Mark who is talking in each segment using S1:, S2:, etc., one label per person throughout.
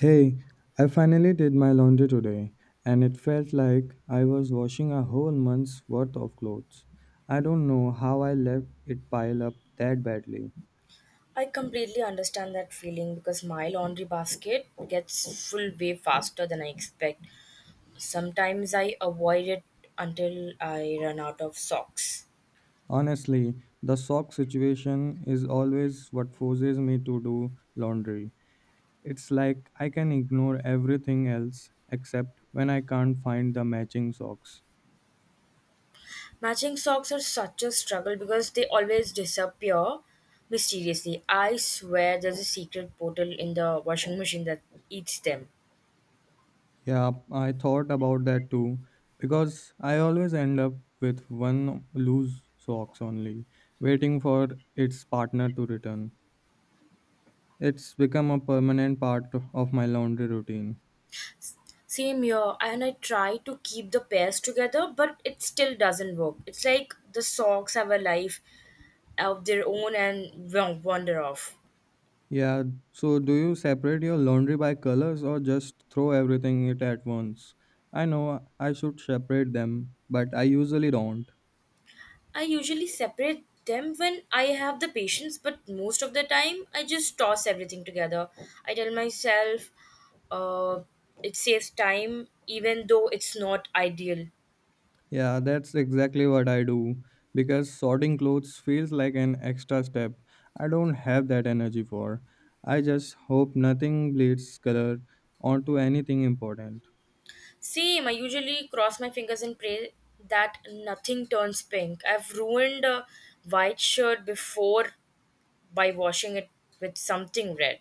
S1: Hey, I finally did my laundry today, and it felt like I was washing a whole month's worth of clothes. I don't know how I let it pile up that badly.
S2: I completely understand that feeling because my laundry basket gets full way faster than I expect. Sometimes I avoid it until I run out of socks.
S1: Honestly, the sock situation is always what forces me to do laundry. It's like I can ignore everything else except when I can't find the matching socks.
S2: Matching socks are such a struggle because they always disappear mysteriously. I swear there's a secret portal in the washing machine that eats them.
S1: Yeah, I thought about that too because I always end up with one loose socks only, waiting for its partner to return. It's become a permanent part of my laundry routine.
S2: Same here, and I try to keep the pairs together, but it still doesn't work. It's like the socks have a life of their own and wander off.
S1: Yeah, so do you separate your laundry by colors or just throw everything it at once? I know I should separate them, but I usually don't.
S2: I usually separate them when I have the patience, but most of the time I just toss everything together. I tell myself uh, it saves time, even though it's not ideal.
S1: Yeah, that's exactly what I do because sorting clothes feels like an extra step I don't have that energy for. I just hope nothing bleeds color onto anything important.
S2: Same, I usually cross my fingers and pray that nothing turns pink. I've ruined a white shirt before by washing it with something red.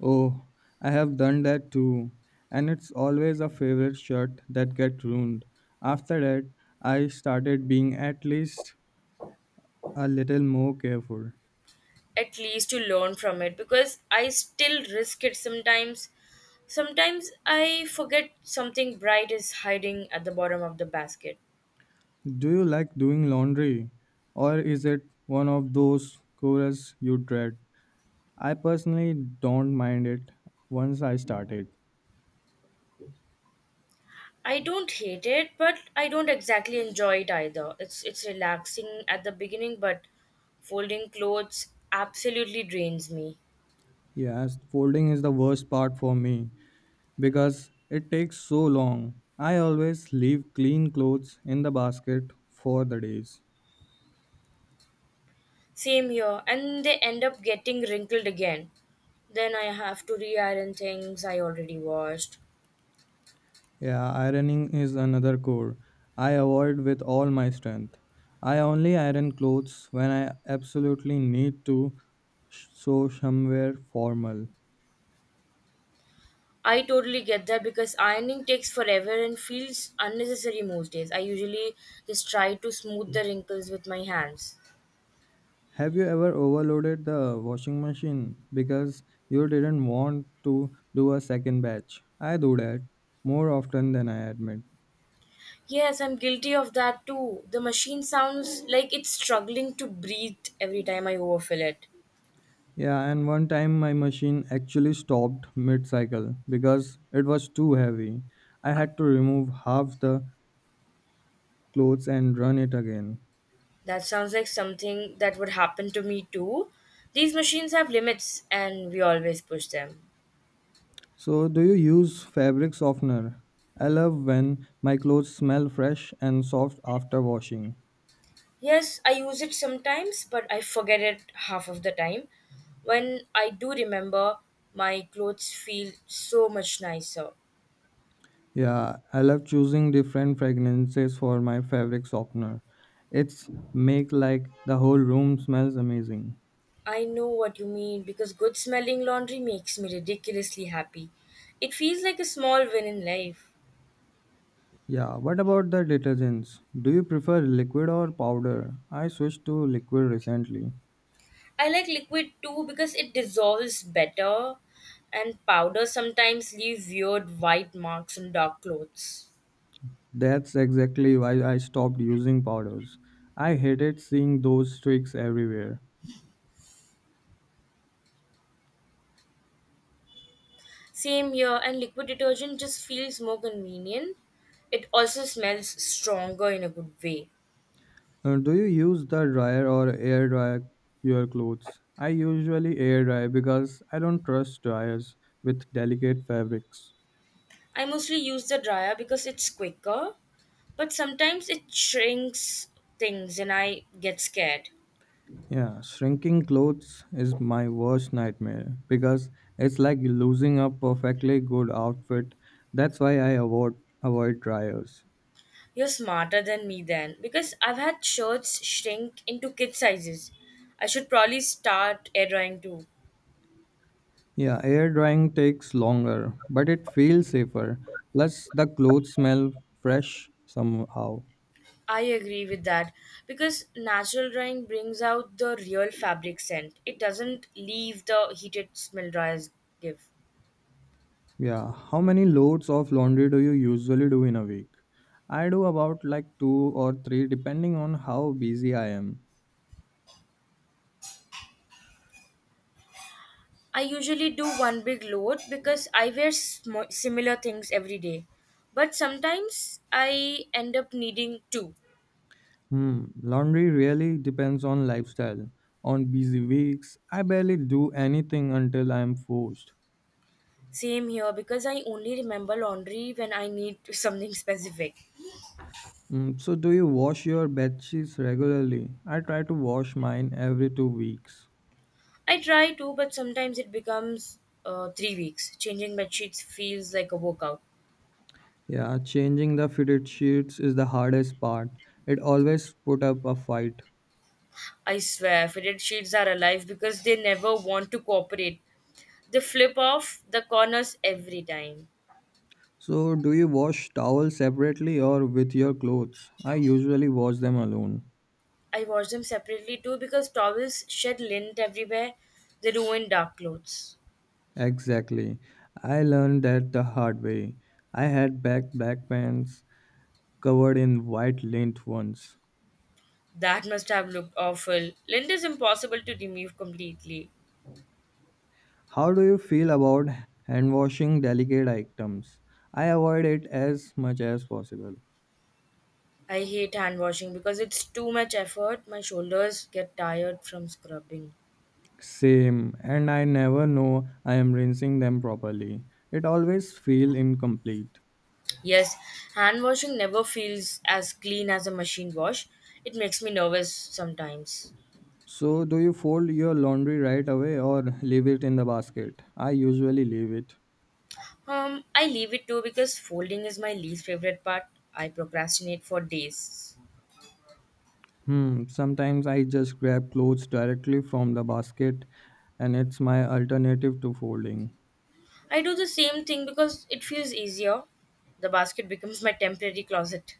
S1: Oh, I have done that too, and it's always a favorite shirt that gets ruined. After that, I started being at least a little more careful.
S2: At least to learn from it because I still risk it sometimes. Sometimes I forget something bright is hiding at the bottom of the basket.
S1: Do you like doing laundry, or is it one of those chores you dread? I personally don't mind it once I started.
S2: I don't hate it, but I don't exactly enjoy it either. It's relaxing at the beginning, but folding clothes absolutely drains me.
S1: Yes, folding is the worst part for me because it takes so long. I always leave clean clothes in the basket for the days.
S2: Same here, and they end up getting wrinkled again. Then I have to re iron things I already washed.
S1: Yeah, ironing is another core I avoid with all my strength. I only iron clothes when I absolutely need to, so somewhere formal.
S2: I totally get that because ironing takes forever and feels unnecessary most days. I usually just try to smooth the wrinkles with my hands.
S1: Have you ever overloaded the washing machine because you didn't want to do a second batch? I do that more often than I admit.
S2: Yes, I'm guilty of that too. The machine sounds like it's struggling to breathe every time I overfill it.
S1: Yeah, and one time my machine actually stopped mid cycle because it was too heavy. I had to remove half the clothes and run it again.
S2: That sounds like something that would happen to me too. These machines have limits and we always push them.
S1: So, do you use fabric softener? I love when my clothes smell fresh and soft after washing.
S2: Yes, I use it sometimes, but I forget it half of the time. When I do remember, my clothes feel so much nicer.
S1: Yeah, I love choosing different fragrances for my fabric softener. It's make like the whole room smells amazing.
S2: I know what you mean because good smelling laundry makes me ridiculously happy. It feels like a small win in life.
S1: Yeah, what about the detergents? Do you prefer liquid or powder? I switched to liquid recently.
S2: I like liquid too because it dissolves better, and powder sometimes leaves weird white marks on dark clothes.
S1: That's exactly why I stopped using powders. I hated seeing those streaks everywhere.
S2: Same here, and liquid detergent just feels more convenient. It also smells stronger in a good way.
S1: Do you use the dryer or air dry your clothes? I usually air dry because I don't trust dryers with delicate fabrics.
S2: I mostly use the dryer because it's quicker, but sometimes it shrinks things and I get scared.
S1: Yeah, shrinking clothes is my worst nightmare because it's like losing a perfectly good outfit. That's why I avoid dryers.
S2: You're smarter than me then because I've had shirts shrink into kid sizes. I should probably start air drying too.
S1: Yeah, air drying takes longer, but it feels safer. Plus the clothes smell fresh somehow.
S2: I agree with that because natural drying brings out the real fabric scent. It doesn't leave the heated smell dryers give.
S1: Yeah, how many loads of laundry do you usually do in a week? I do about like 2 or 3 depending on how busy I am.
S2: I usually do one big load because I wear similar things every day. But sometimes I end up needing two.
S1: Hmm, laundry really depends on lifestyle. On busy weeks, I barely do anything until I am forced.
S2: Same here because I only remember laundry when I need something specific.
S1: Hmm, so, do you wash your bed sheets regularly? I try to wash mine every 2 weeks.
S2: I try to, but sometimes it becomes 3 weeks. Changing bed sheets feels like a workout.
S1: Yeah, changing the fitted sheets is the hardest part. It always put up a fight.
S2: I swear, fitted sheets are alive because they never want to cooperate. They flip off the corners every time.
S1: So, do you wash towels separately or with your clothes? I usually wash them alone.
S2: I wash them separately too because towels shed lint everywhere. They ruin dark clothes.
S1: Exactly. I learned that the hard way. I had back black pants covered in white lint ones.
S2: That must have looked awful. Lint is impossible to remove completely.
S1: How do you feel about hand washing delicate items? I avoid it as much as possible.
S2: I hate hand washing because it's too much effort. My shoulders get tired from scrubbing.
S1: Same, and I never know I am rinsing them properly. It always feel incomplete.
S2: Yes, hand washing never feels as clean as a machine wash. It makes me nervous sometimes.
S1: So, do you fold your laundry right away or leave it in the basket? I usually leave it.
S2: I leave it too because folding is my least favorite part. I procrastinate for days.
S1: Hmm, sometimes I just grab clothes directly from the basket and it's my alternative to folding.
S2: I do the same thing because it feels easier. The basket becomes my temporary closet.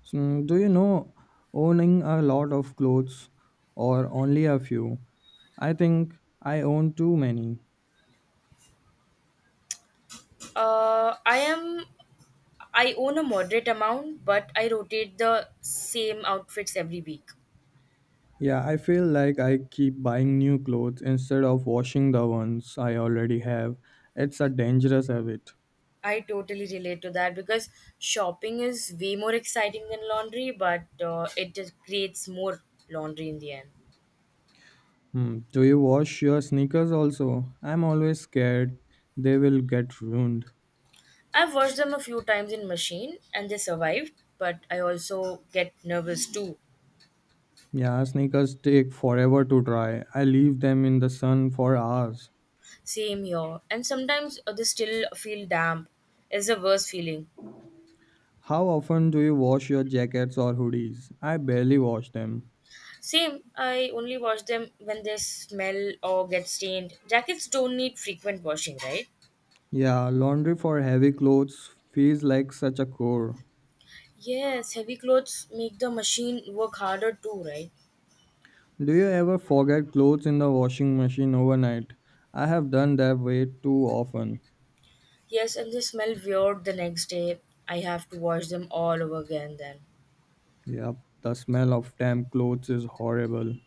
S1: So, do you know owning a lot of clothes or only a few? I think I own too many.
S2: Uh, I am I own a moderate amount, but I rotate the same outfits every week.
S1: Yeah, I feel like I keep buying new clothes instead of washing the ones I already have. It's a dangerous habit.
S2: I totally relate to that because shopping is way more exciting than laundry, but it just creates more laundry in the end.
S1: Hmm. Do you wash your sneakers also? I'm always scared they will get ruined.
S2: I've washed them a few times in machine and they survived, but I also get nervous too.
S1: Yeah, sneakers take forever to dry. I leave them in the sun for hours.
S2: Same here, and sometimes they still feel damp. It's the worst feeling.
S1: How often do you wash your jackets or hoodies? I barely wash them.
S2: Same, I only wash them when they smell or get stained. Jackets don't need frequent washing, right?
S1: Yeah, laundry for heavy clothes feels like such a chore.
S2: Yes, heavy clothes make the machine work harder too, right?
S1: Do you ever forget clothes in the washing machine overnight? I have done that way too often.
S2: Yes, and they smell weird the next day. I have to wash them all over again then.
S1: Yep, the smell of damp clothes is horrible.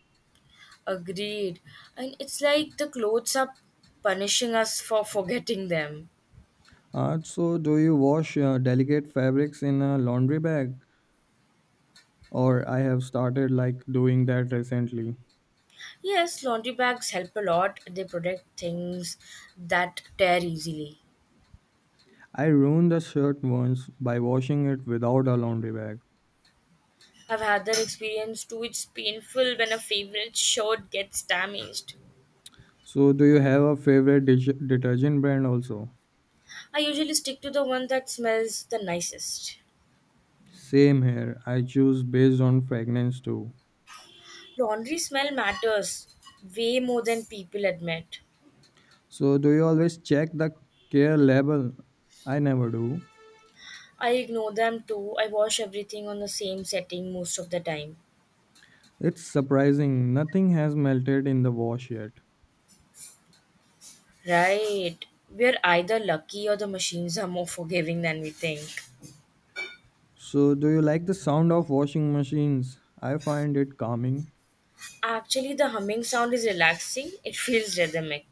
S2: Agreed. And it's like the clothes are punishing us for forgetting them.
S1: So, do you wash delicate fabrics in a laundry bag? Or I have started like doing that recently.
S2: Yes, laundry bags help a lot. They protect things that tear easily.
S1: I ruined a shirt once by washing it without a laundry bag.
S2: I've had that experience too. It's painful when a favorite shirt gets damaged.
S1: So, do you have a favorite detergent brand also?
S2: I usually stick to the one that smells the nicest.
S1: Same here. I choose based on fragrance too.
S2: Laundry smell matters way more than people admit.
S1: So, do you always check the care label? I never do.
S2: I ignore them too. I wash everything on the same setting most of the time.
S1: It's surprising. Nothing has melted in the wash yet.
S2: Right. We're either lucky or the machines are more forgiving than we think.
S1: So, do you like the sound of washing machines? I find it calming.
S2: Actually, the humming sound is relaxing. It feels rhythmic.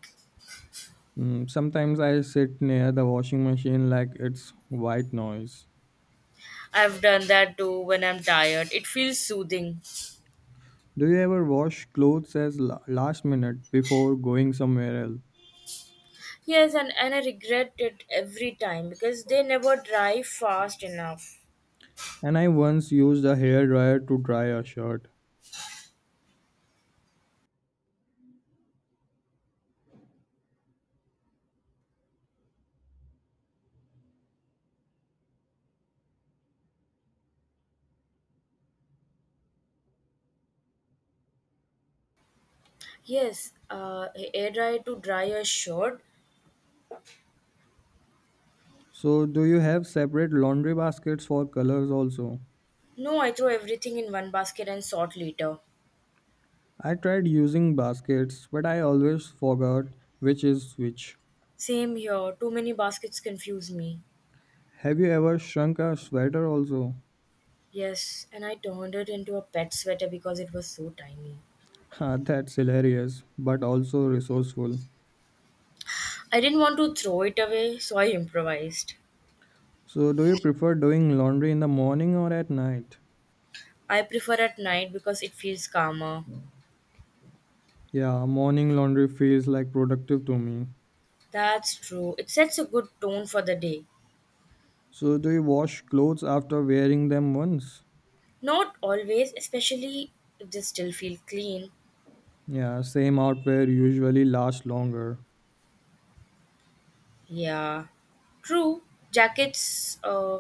S1: Mm, sometimes I sit near the washing machine like it's white noise.
S2: I've done that too when I'm tired. It feels soothing.
S1: Do you ever wash clothes as last minute before going somewhere else?
S2: Yes, and I regret it every time because they never dry fast enough.
S1: And I once used a hairdryer to dry a shirt.
S2: Yes, air dry to dry a shirt.
S1: So, do you have separate laundry baskets for colors also?
S2: No, I throw everything in one basket and sort later.
S1: I tried using baskets, but I always forgot which is which.
S2: Same here, too many baskets confuse me.
S1: Have you ever shrunk a sweater also?
S2: Yes, and I turned it into a pet sweater because it was so tiny.
S1: Ha, that's hilarious, but also resourceful.
S2: I didn't want to throw it away, so I improvised.
S1: So, do you prefer doing laundry in the morning or at night?
S2: I prefer at night because it feels calmer.
S1: Yeah, morning laundry feels like productive to me.
S2: That's true. It sets a good tone for the day.
S1: So, do you wash clothes after wearing them once?
S2: Not always, especially if they still feel clean.
S1: Yeah, same outwear usually lasts longer.
S2: Yeah, true. Jackets, uh,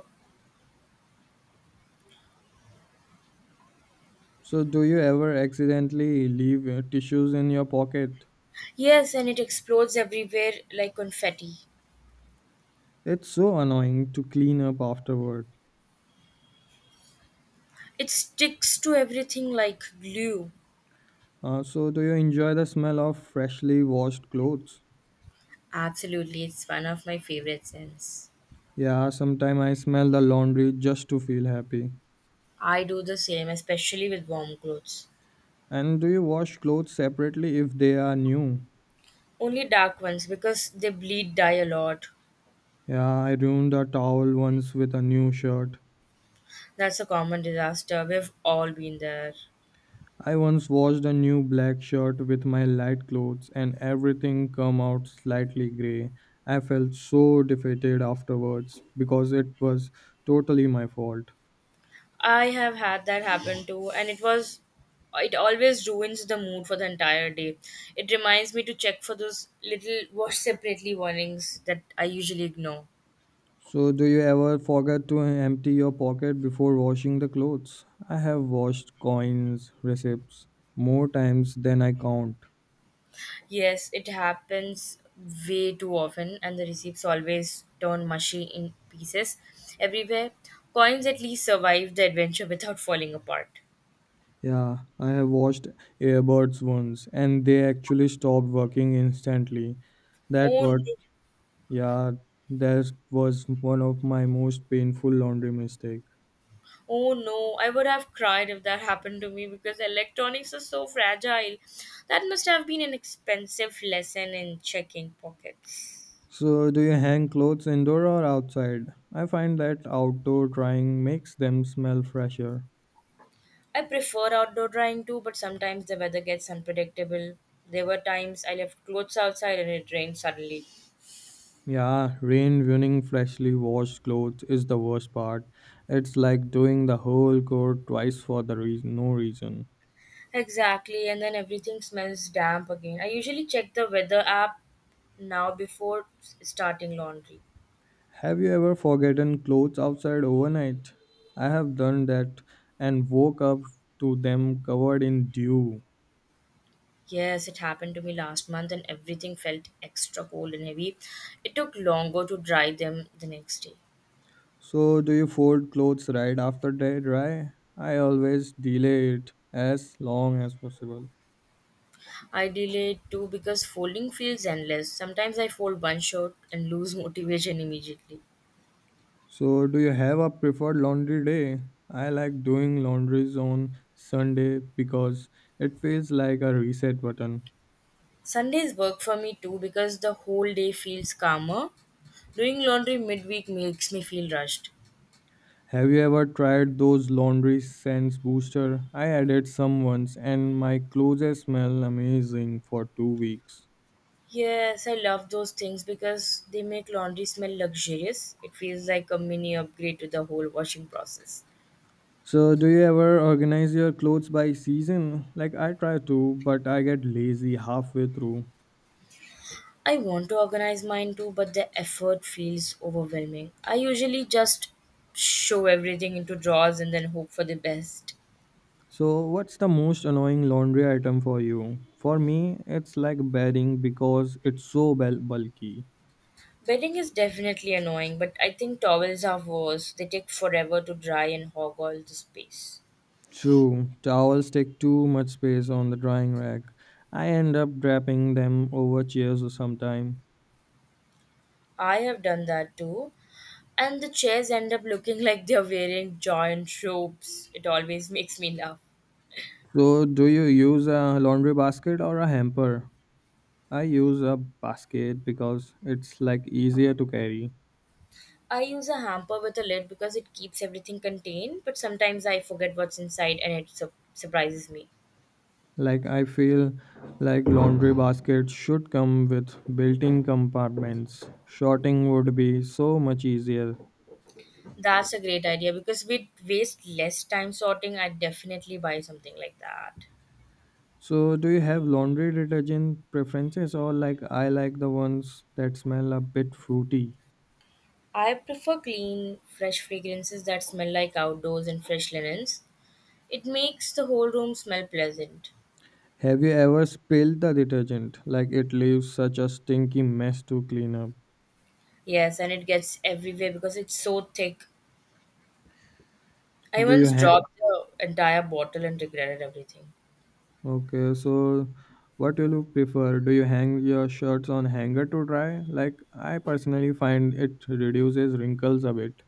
S1: So, do you ever accidentally leave tissues in your pocket?
S2: yes, and it explodes everywhere like confetti.
S1: It's so annoying to clean up afterward.
S2: It sticks to everything like glue.
S1: So, do you enjoy the smell of freshly washed clothes?
S2: Absolutely, it's one of my favorite scents.
S1: Yeah, sometimes I smell the laundry just to feel happy.
S2: I do the same, especially with warm clothes.
S1: And do you wash clothes separately if they are new?
S2: Only dark ones because they bleed dye a lot.
S1: Yeah, I ruined a towel once with a new shirt.
S2: That's a common disaster. We've all been there.
S1: I once washed a new black shirt with my light clothes and everything come out slightly gray. I felt so defeated afterwards because it was totally my fault.
S2: I have had that happen too, and it always ruins the mood for the entire day. It reminds me to check for those little watch separately warnings that I usually ignore.
S1: So do you ever forget to empty your pocket before washing the clothes? I have washed coins, receipts more times than I count.
S2: Yes, it happens way too often, and the receipts always turn mushy in pieces everywhere. Coins at least survive the adventure without falling apart.
S1: Yeah, I have washed earbuds once and they actually stopped working instantly. That
S2: Oh no.
S1: what Yeah, that was one of my most painful laundry mistake.
S2: Oh no, I would have cried if that happened to me because electronics are so fragile. That must have been an expensive lesson in checking pockets.
S1: So, do you hang clothes indoor or outside? I find that outdoor drying makes them smell fresher.
S2: I prefer outdoor drying too, but sometimes the weather gets unpredictable. There were times I left clothes outside and it rained suddenly.
S1: Yeah, rain ruining freshly washed clothes is the worst part. It's like doing the whole coat twice for the reason, no reason.
S2: Exactly, and then everything smells damp again. I usually check the weather app now before starting laundry.
S1: Have you ever forgotten clothes outside overnight? I have done that and woke up to them covered in dew.
S2: Yes, it happened to me last month and everything felt extra cold and heavy. It took longer to dry them the next day.
S1: So, do you fold clothes right after they dry? I always delay it as long as possible.
S2: I delayed too because folding feels endless. Sometimes I fold one shirt and lose motivation immediately.
S1: So, do you have a preferred laundry day? I like doing laundries on Sunday because it feels like a reset button.
S2: Sundays work for me too because the whole day feels calmer. Doing laundry midweek makes me feel rushed.
S1: Have you ever tried those laundry scents booster? I added some once and my clothes smell amazing for 2 weeks.
S2: Yes, I love those things because they make laundry smell luxurious. It feels like a mini upgrade to the whole washing process.
S1: So, do you ever organize your clothes by season? Like I try to, but I get lazy halfway through.
S2: I want to organize mine too, but the effort feels overwhelming. I usually just show everything into drawers and then hope for the best.
S1: So, what's the most annoying laundry item for you? For me, it's like bedding because it's so bulky.
S2: Bedding is definitely annoying, but I think towels are worse. They take forever to dry and hog all the space.
S1: True, towels take too much space on the drying rack. I end up draping them over chairs sometimes.
S2: I have done that too. And the chairs end up looking like they're wearing giant ropes. It always makes me laugh.
S1: So, do you use a laundry basket or a hamper? I use a basket because it's like easier to carry.
S2: I use a hamper with a lid because it keeps everything contained, but sometimes I forget what's inside and it surprises me.
S1: Like I feel like laundry baskets should come with built-in compartments. Sorting would be so much easier.
S2: That's a great idea because we'd waste less time sorting. I'd definitely buy something like that.
S1: So do you have laundry detergent preferences or like I like the ones that smell a bit fruity?
S2: I prefer clean, fresh fragrances that smell like outdoors and fresh linens. It makes the whole room smell pleasant.
S1: Have you ever spilled the detergent? Like it leaves such a stinky mess to clean up.
S2: Yes, and it gets everywhere because it's so thick. I
S1: Do you
S2: once
S1: hang?
S2: dropped the entire bottle and regretted everything.
S1: Okay, so what will you prefer? Do you hang your shirts on hanger to dry? Like I personally find it reduces wrinkles a bit.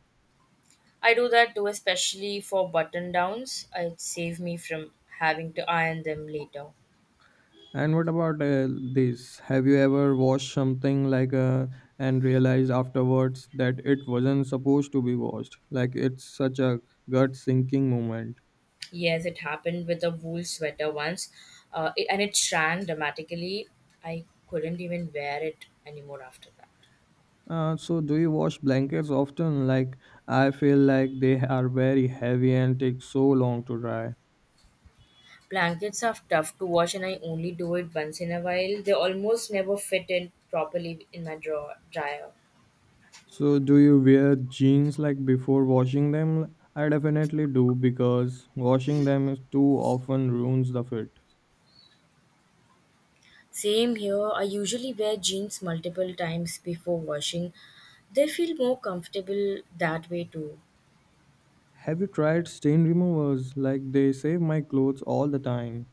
S2: I do that too, especially for button downs. It saves me from having to iron them later.
S1: And what about this? Have you ever washed something like and realized afterwards that it wasn't supposed to be washed? Like it's such a gut sinking moment.
S2: Yes, it happened with a wool sweater once, and it shrank dramatically. I couldn't even wear it anymore after that.
S1: So, do you wash blankets often? Like, I feel like they are very heavy and take so long to dry.
S2: Blankets are tough to wash, and I only do it once in a while. They almost never fit in properly in my dryer.
S1: So, do you wear jeans like before washing them? I definitely do because washing them is too often ruins the fit.
S2: Same here. I usually wear jeans multiple times before washing. They feel more comfortable that way too.
S1: Have you tried stain removers? Like they save my clothes all the time.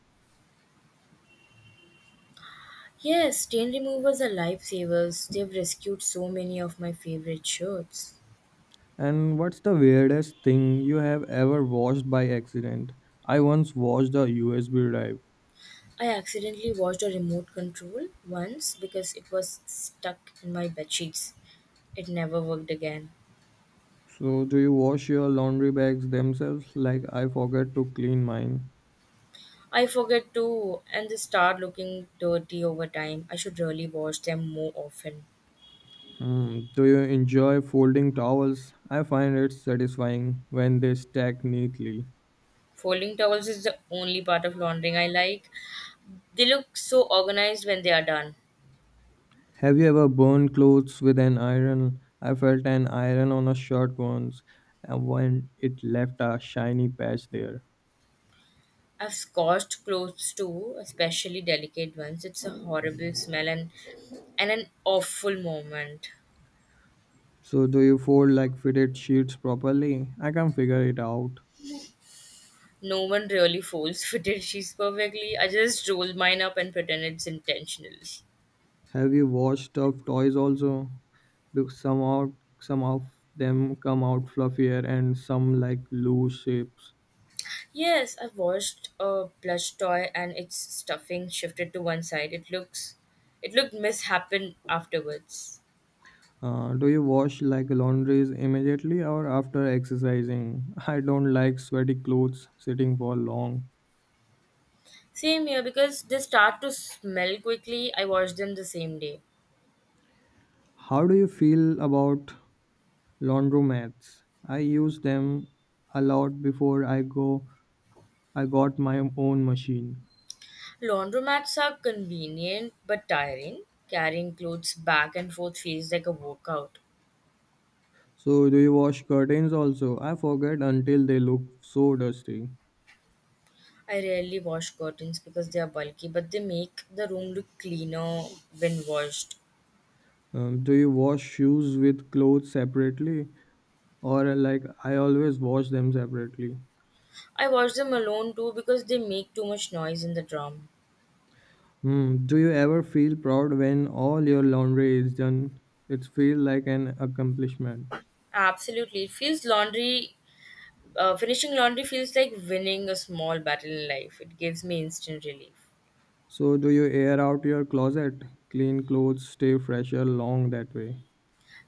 S2: Yes, stain removers are lifesavers. They've rescued so many of my favorite shirts.
S1: And what's the weirdest thing you have ever washed by accident? I once washed a USB drive.
S2: I accidentally watched a remote control once because it was stuck in my bed sheets. It never worked again.
S1: So, do you wash your laundry bags themselves? Like I forget to clean mine.
S2: I forget to, and they start looking dirty over time. I should really wash them more often.
S1: Hmm. Do you enjoy folding towels? I find it satisfying when they stack neatly.
S2: Folding towels is the only part of laundering I like. They look so organized when they are done.
S1: Have you ever burned clothes with an iron? I felt an iron on a shirt once, and when it left a shiny patch there.
S2: I've scorched clothes too, especially delicate ones. It's a horrible smell and an awful moment.
S1: So, do you fold like fitted sheets properly? I can not figure it out.
S2: No one really folds fitted sheets perfectly. I just roll mine up and pretend it's intentional.
S1: Have you washed stuffed toys also? Because some out, some of them come out fluffier and some like loose shapes.
S2: Yes, I've watched a plush toy and its stuffing shifted to one side. It looked mishappen afterwards.
S1: Do you wash like laundries immediately or after exercising? I don't like sweaty clothes sitting for long.
S2: Same here because they start to smell quickly. I wash them the same day.
S1: How do you feel about laundromats? I use them a lot before I got my own machine.
S2: Laundromats are convenient but tiring. Carrying clothes back and forth feels like a workout.
S1: So do you wash curtains also? I forget until they look so dusty.
S2: I rarely wash curtains because they are bulky, but they make the room look cleaner when washed.
S1: Do you wash shoes with clothes separately or like I always wash them separately?
S2: I wash them alone too because they make too much noise in the drum.
S1: Hmm. Do you ever feel proud when all your laundry is done? It feels like an accomplishment.
S2: Absolutely. Finishing laundry feels like winning a small battle in life. It gives me instant relief.
S1: So, do you air out your closet? Clean clothes stay fresher long that way.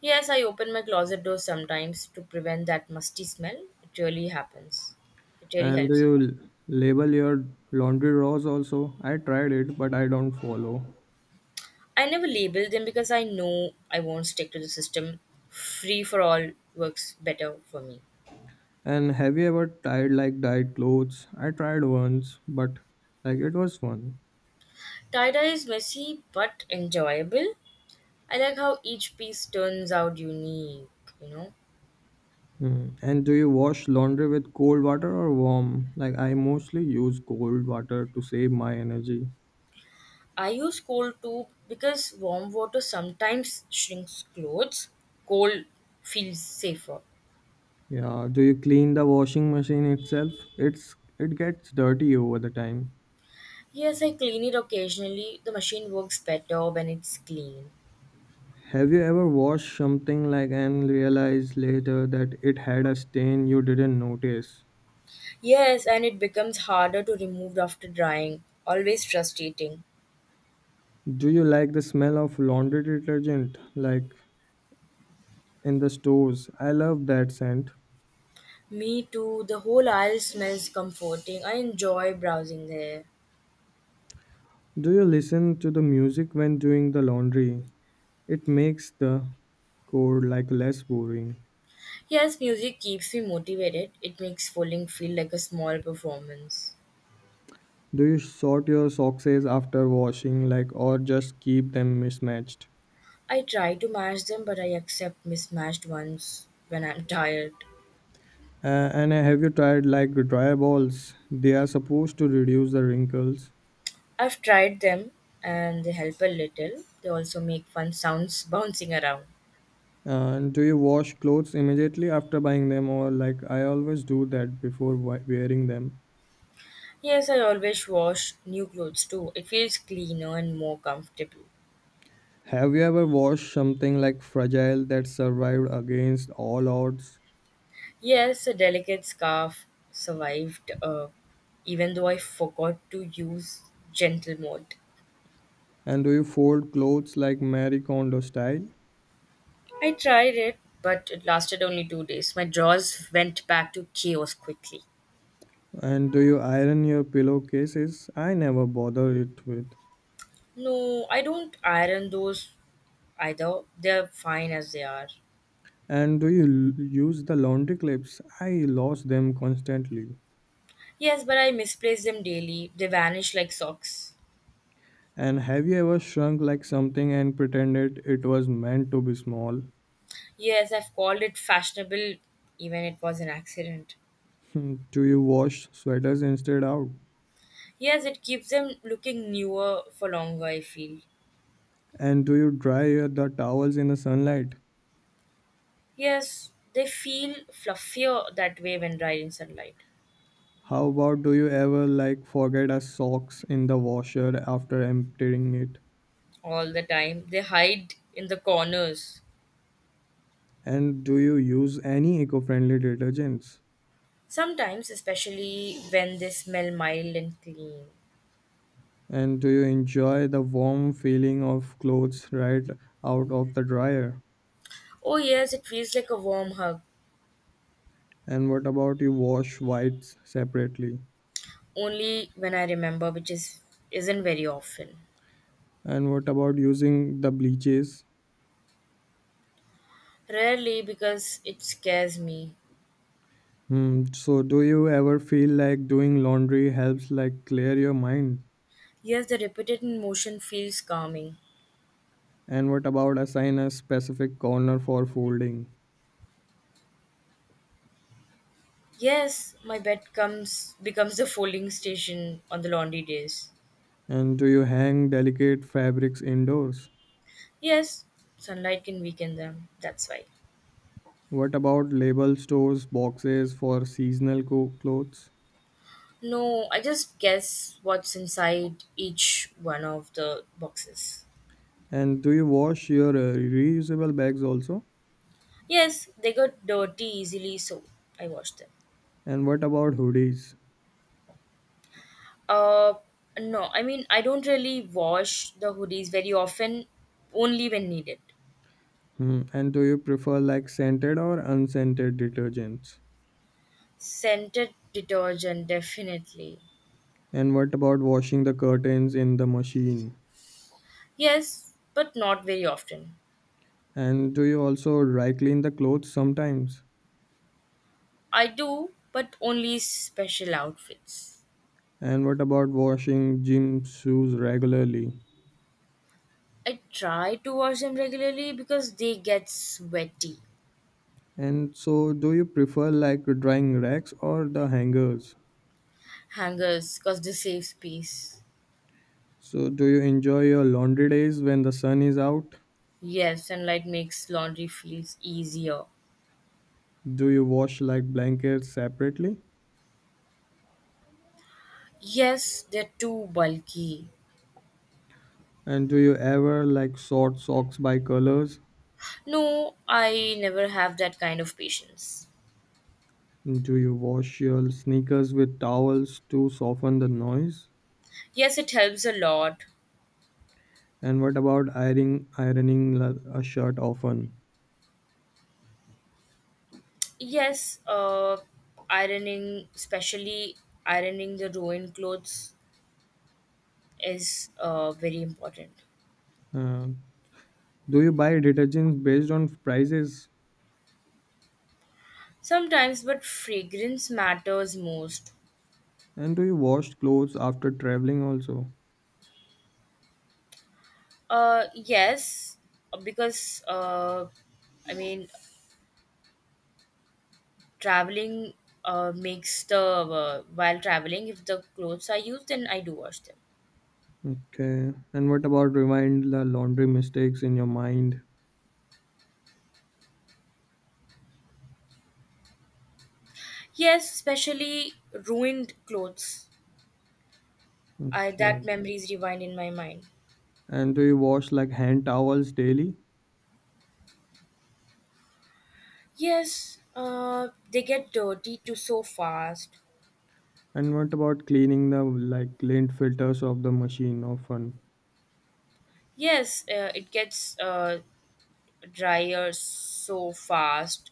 S2: Yes, I open my closet door sometimes to prevent that musty smell. It really happens. It really
S1: And do
S2: helps a
S1: you
S2: lot.
S1: label your laundry rows also? I tried it, but I don't follow.
S2: I never label them because I know I won't stick to the system. Free for all works better for me.
S1: And have you ever tried like dyed clothes? I tried once, but like it was fun.
S2: Tie-dye is messy but enjoyable. I like how each piece turns out unique, you know.
S1: Hmm. And do you wash laundry with cold water or warm? Like I mostly use cold water to save my energy.
S2: I use cold too because warm water sometimes shrinks clothes. Cold feels safer.
S1: Yeah, do you clean the washing machine itself? It gets dirty over the time.
S2: Yes, I clean it occasionally. The machine works better when it's clean.
S1: Have you ever washed something like and realized later that it had a stain you didn't notice?
S2: Yes, and it becomes harder to remove after drying. Always frustrating.
S1: Do you like the smell of laundry detergent like in the stores? I love that scent.
S2: Me too. The whole aisle smells comforting. I enjoy browsing there.
S1: Do you listen to the music when doing the laundry? It makes the chore like less boring.
S2: Yes, music keeps me motivated. It makes bowling feel like a small performance.
S1: Do you sort your socks after washing like or just keep them mismatched?
S2: I try to match them, but I accept mismatched ones when I'm tired.
S1: And have you tried like dry balls? They are supposed to reduce the wrinkles.
S2: I've tried them and they help a little. They also make fun sounds bouncing around.
S1: And do you wash clothes immediately after buying them, or like I always do that before wearing them?
S2: Yes, I always wash new clothes too. It feels cleaner and more comfortable.
S1: Have you ever washed something like fragile that survived against all odds?
S2: Yes, a delicate scarf survived, even though I forgot to use gentle mode.
S1: And do you fold clothes like Marie Kondo style?
S2: I tried it, but it lasted only 2 days. My drawers went back to chaos quickly.
S1: And do you iron your pillowcases? I never bother it with.
S2: No, I don't iron those either. They're fine as they are.
S1: And do you use the laundry clips? I lost them constantly.
S2: Yes, but I misplace them daily. They vanish like socks.
S1: And have you ever shrunk like something and pretended it was meant to be small?
S2: Yes, I've called it fashionable, even it was an accident.
S1: Hmm, do you wash sweaters instead out?
S2: Yes, it keeps them looking newer for longer, I feel.
S1: And do you the towels in the sunlight?
S2: Yes, they feel fluffier that way when dried in sunlight.
S1: How about do you ever like forget a socks in the washer after emptying it?
S2: All the time. They hide in the corners.
S1: And do you use any eco-friendly detergents?
S2: Sometimes, especially when they smell mild and clean.
S1: And do you enjoy the warm feeling of clothes right out of the dryer?
S2: Oh yes, it feels like a warm hug.
S1: And what about you wash whites separately?
S2: Only when I remember, which is isn't very often.
S1: And what about using the bleaches?
S2: Rarely because it scares me.
S1: Hmm. So, do you ever feel like doing laundry helps like clear your mind?
S2: Yes, the repeated motion feels calming.
S1: And what about assign a specific corner for folding?
S2: Yes, my bed comes becomes the folding station on the laundry days.
S1: And do you hang delicate fabrics indoors?
S2: Yes, sunlight can weaken them. That's why.
S1: What about label stores boxes for seasonal clothes?
S2: No, I just guess what's inside each one of the boxes.
S1: And do you wash your reusable bags also?
S2: Yes, they got dirty easily, so I washed them.
S1: And what about hoodies?
S2: Uh, no, I mean, I don't really wash the hoodies very often, only when needed.
S1: Hmm. And do you prefer like scented or unscented detergents?
S2: Scented detergent, definitely.
S1: And what about washing the curtains in the machine?
S2: Yes, but not very often.
S1: And do you also dry clean the clothes sometimes?
S2: I do, but only special outfits.
S1: And what about washing gym shoes regularly?
S2: I try to wash them regularly because they get sweaty.
S1: And so, do you prefer like drying racks or the hangers?
S2: Hangers, because they save space.
S1: So, do you enjoy your laundry days when the sun is out?
S2: Yes, and light makes laundry feels easier.
S1: Do you wash like blankets separately?
S2: Yes, they're too bulky.
S1: And do you ever like sort socks by colors?
S2: No, I never have that kind of patience.
S1: Do you wash your sneakers with towels to soften the noise?
S2: Yes, it helps a lot.
S1: And what about ironing a shirt often?
S2: Yes, ironing, especially ironing the ruined clothes, is very important.
S1: Uh, Do you buy detergents based on prices?
S2: Sometimes, but fragrance matters most.
S1: And do you wash clothes after traveling also?
S2: Yes, because I mean, traveling makes the while traveling, if the clothes are used, then I do wash them.
S1: Okay. And what about remind the laundry mistakes in your mind?
S2: Yes, especially ruined clothes. I
S1: Okay.
S2: that memories rewind in my mind.
S1: And do you wash like hand towels daily?
S2: Yes, they get dirty too so fast.
S1: And what about cleaning the like lint filters of the machine often?
S2: Yes, it gets drier so fast.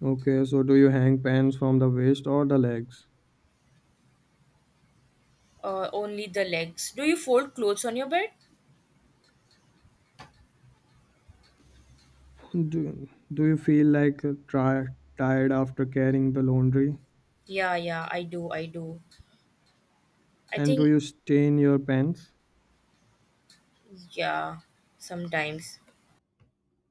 S1: Okay, so do you hang pants from the waist or the legs?
S2: Only the legs. Do you fold clothes on your bed?
S1: Do you feel like tired after carrying the laundry?
S2: Yeah, yeah, I do, I do. I
S1: And do
S2: think,
S1: you stain your pants?
S2: yeah, sometimes.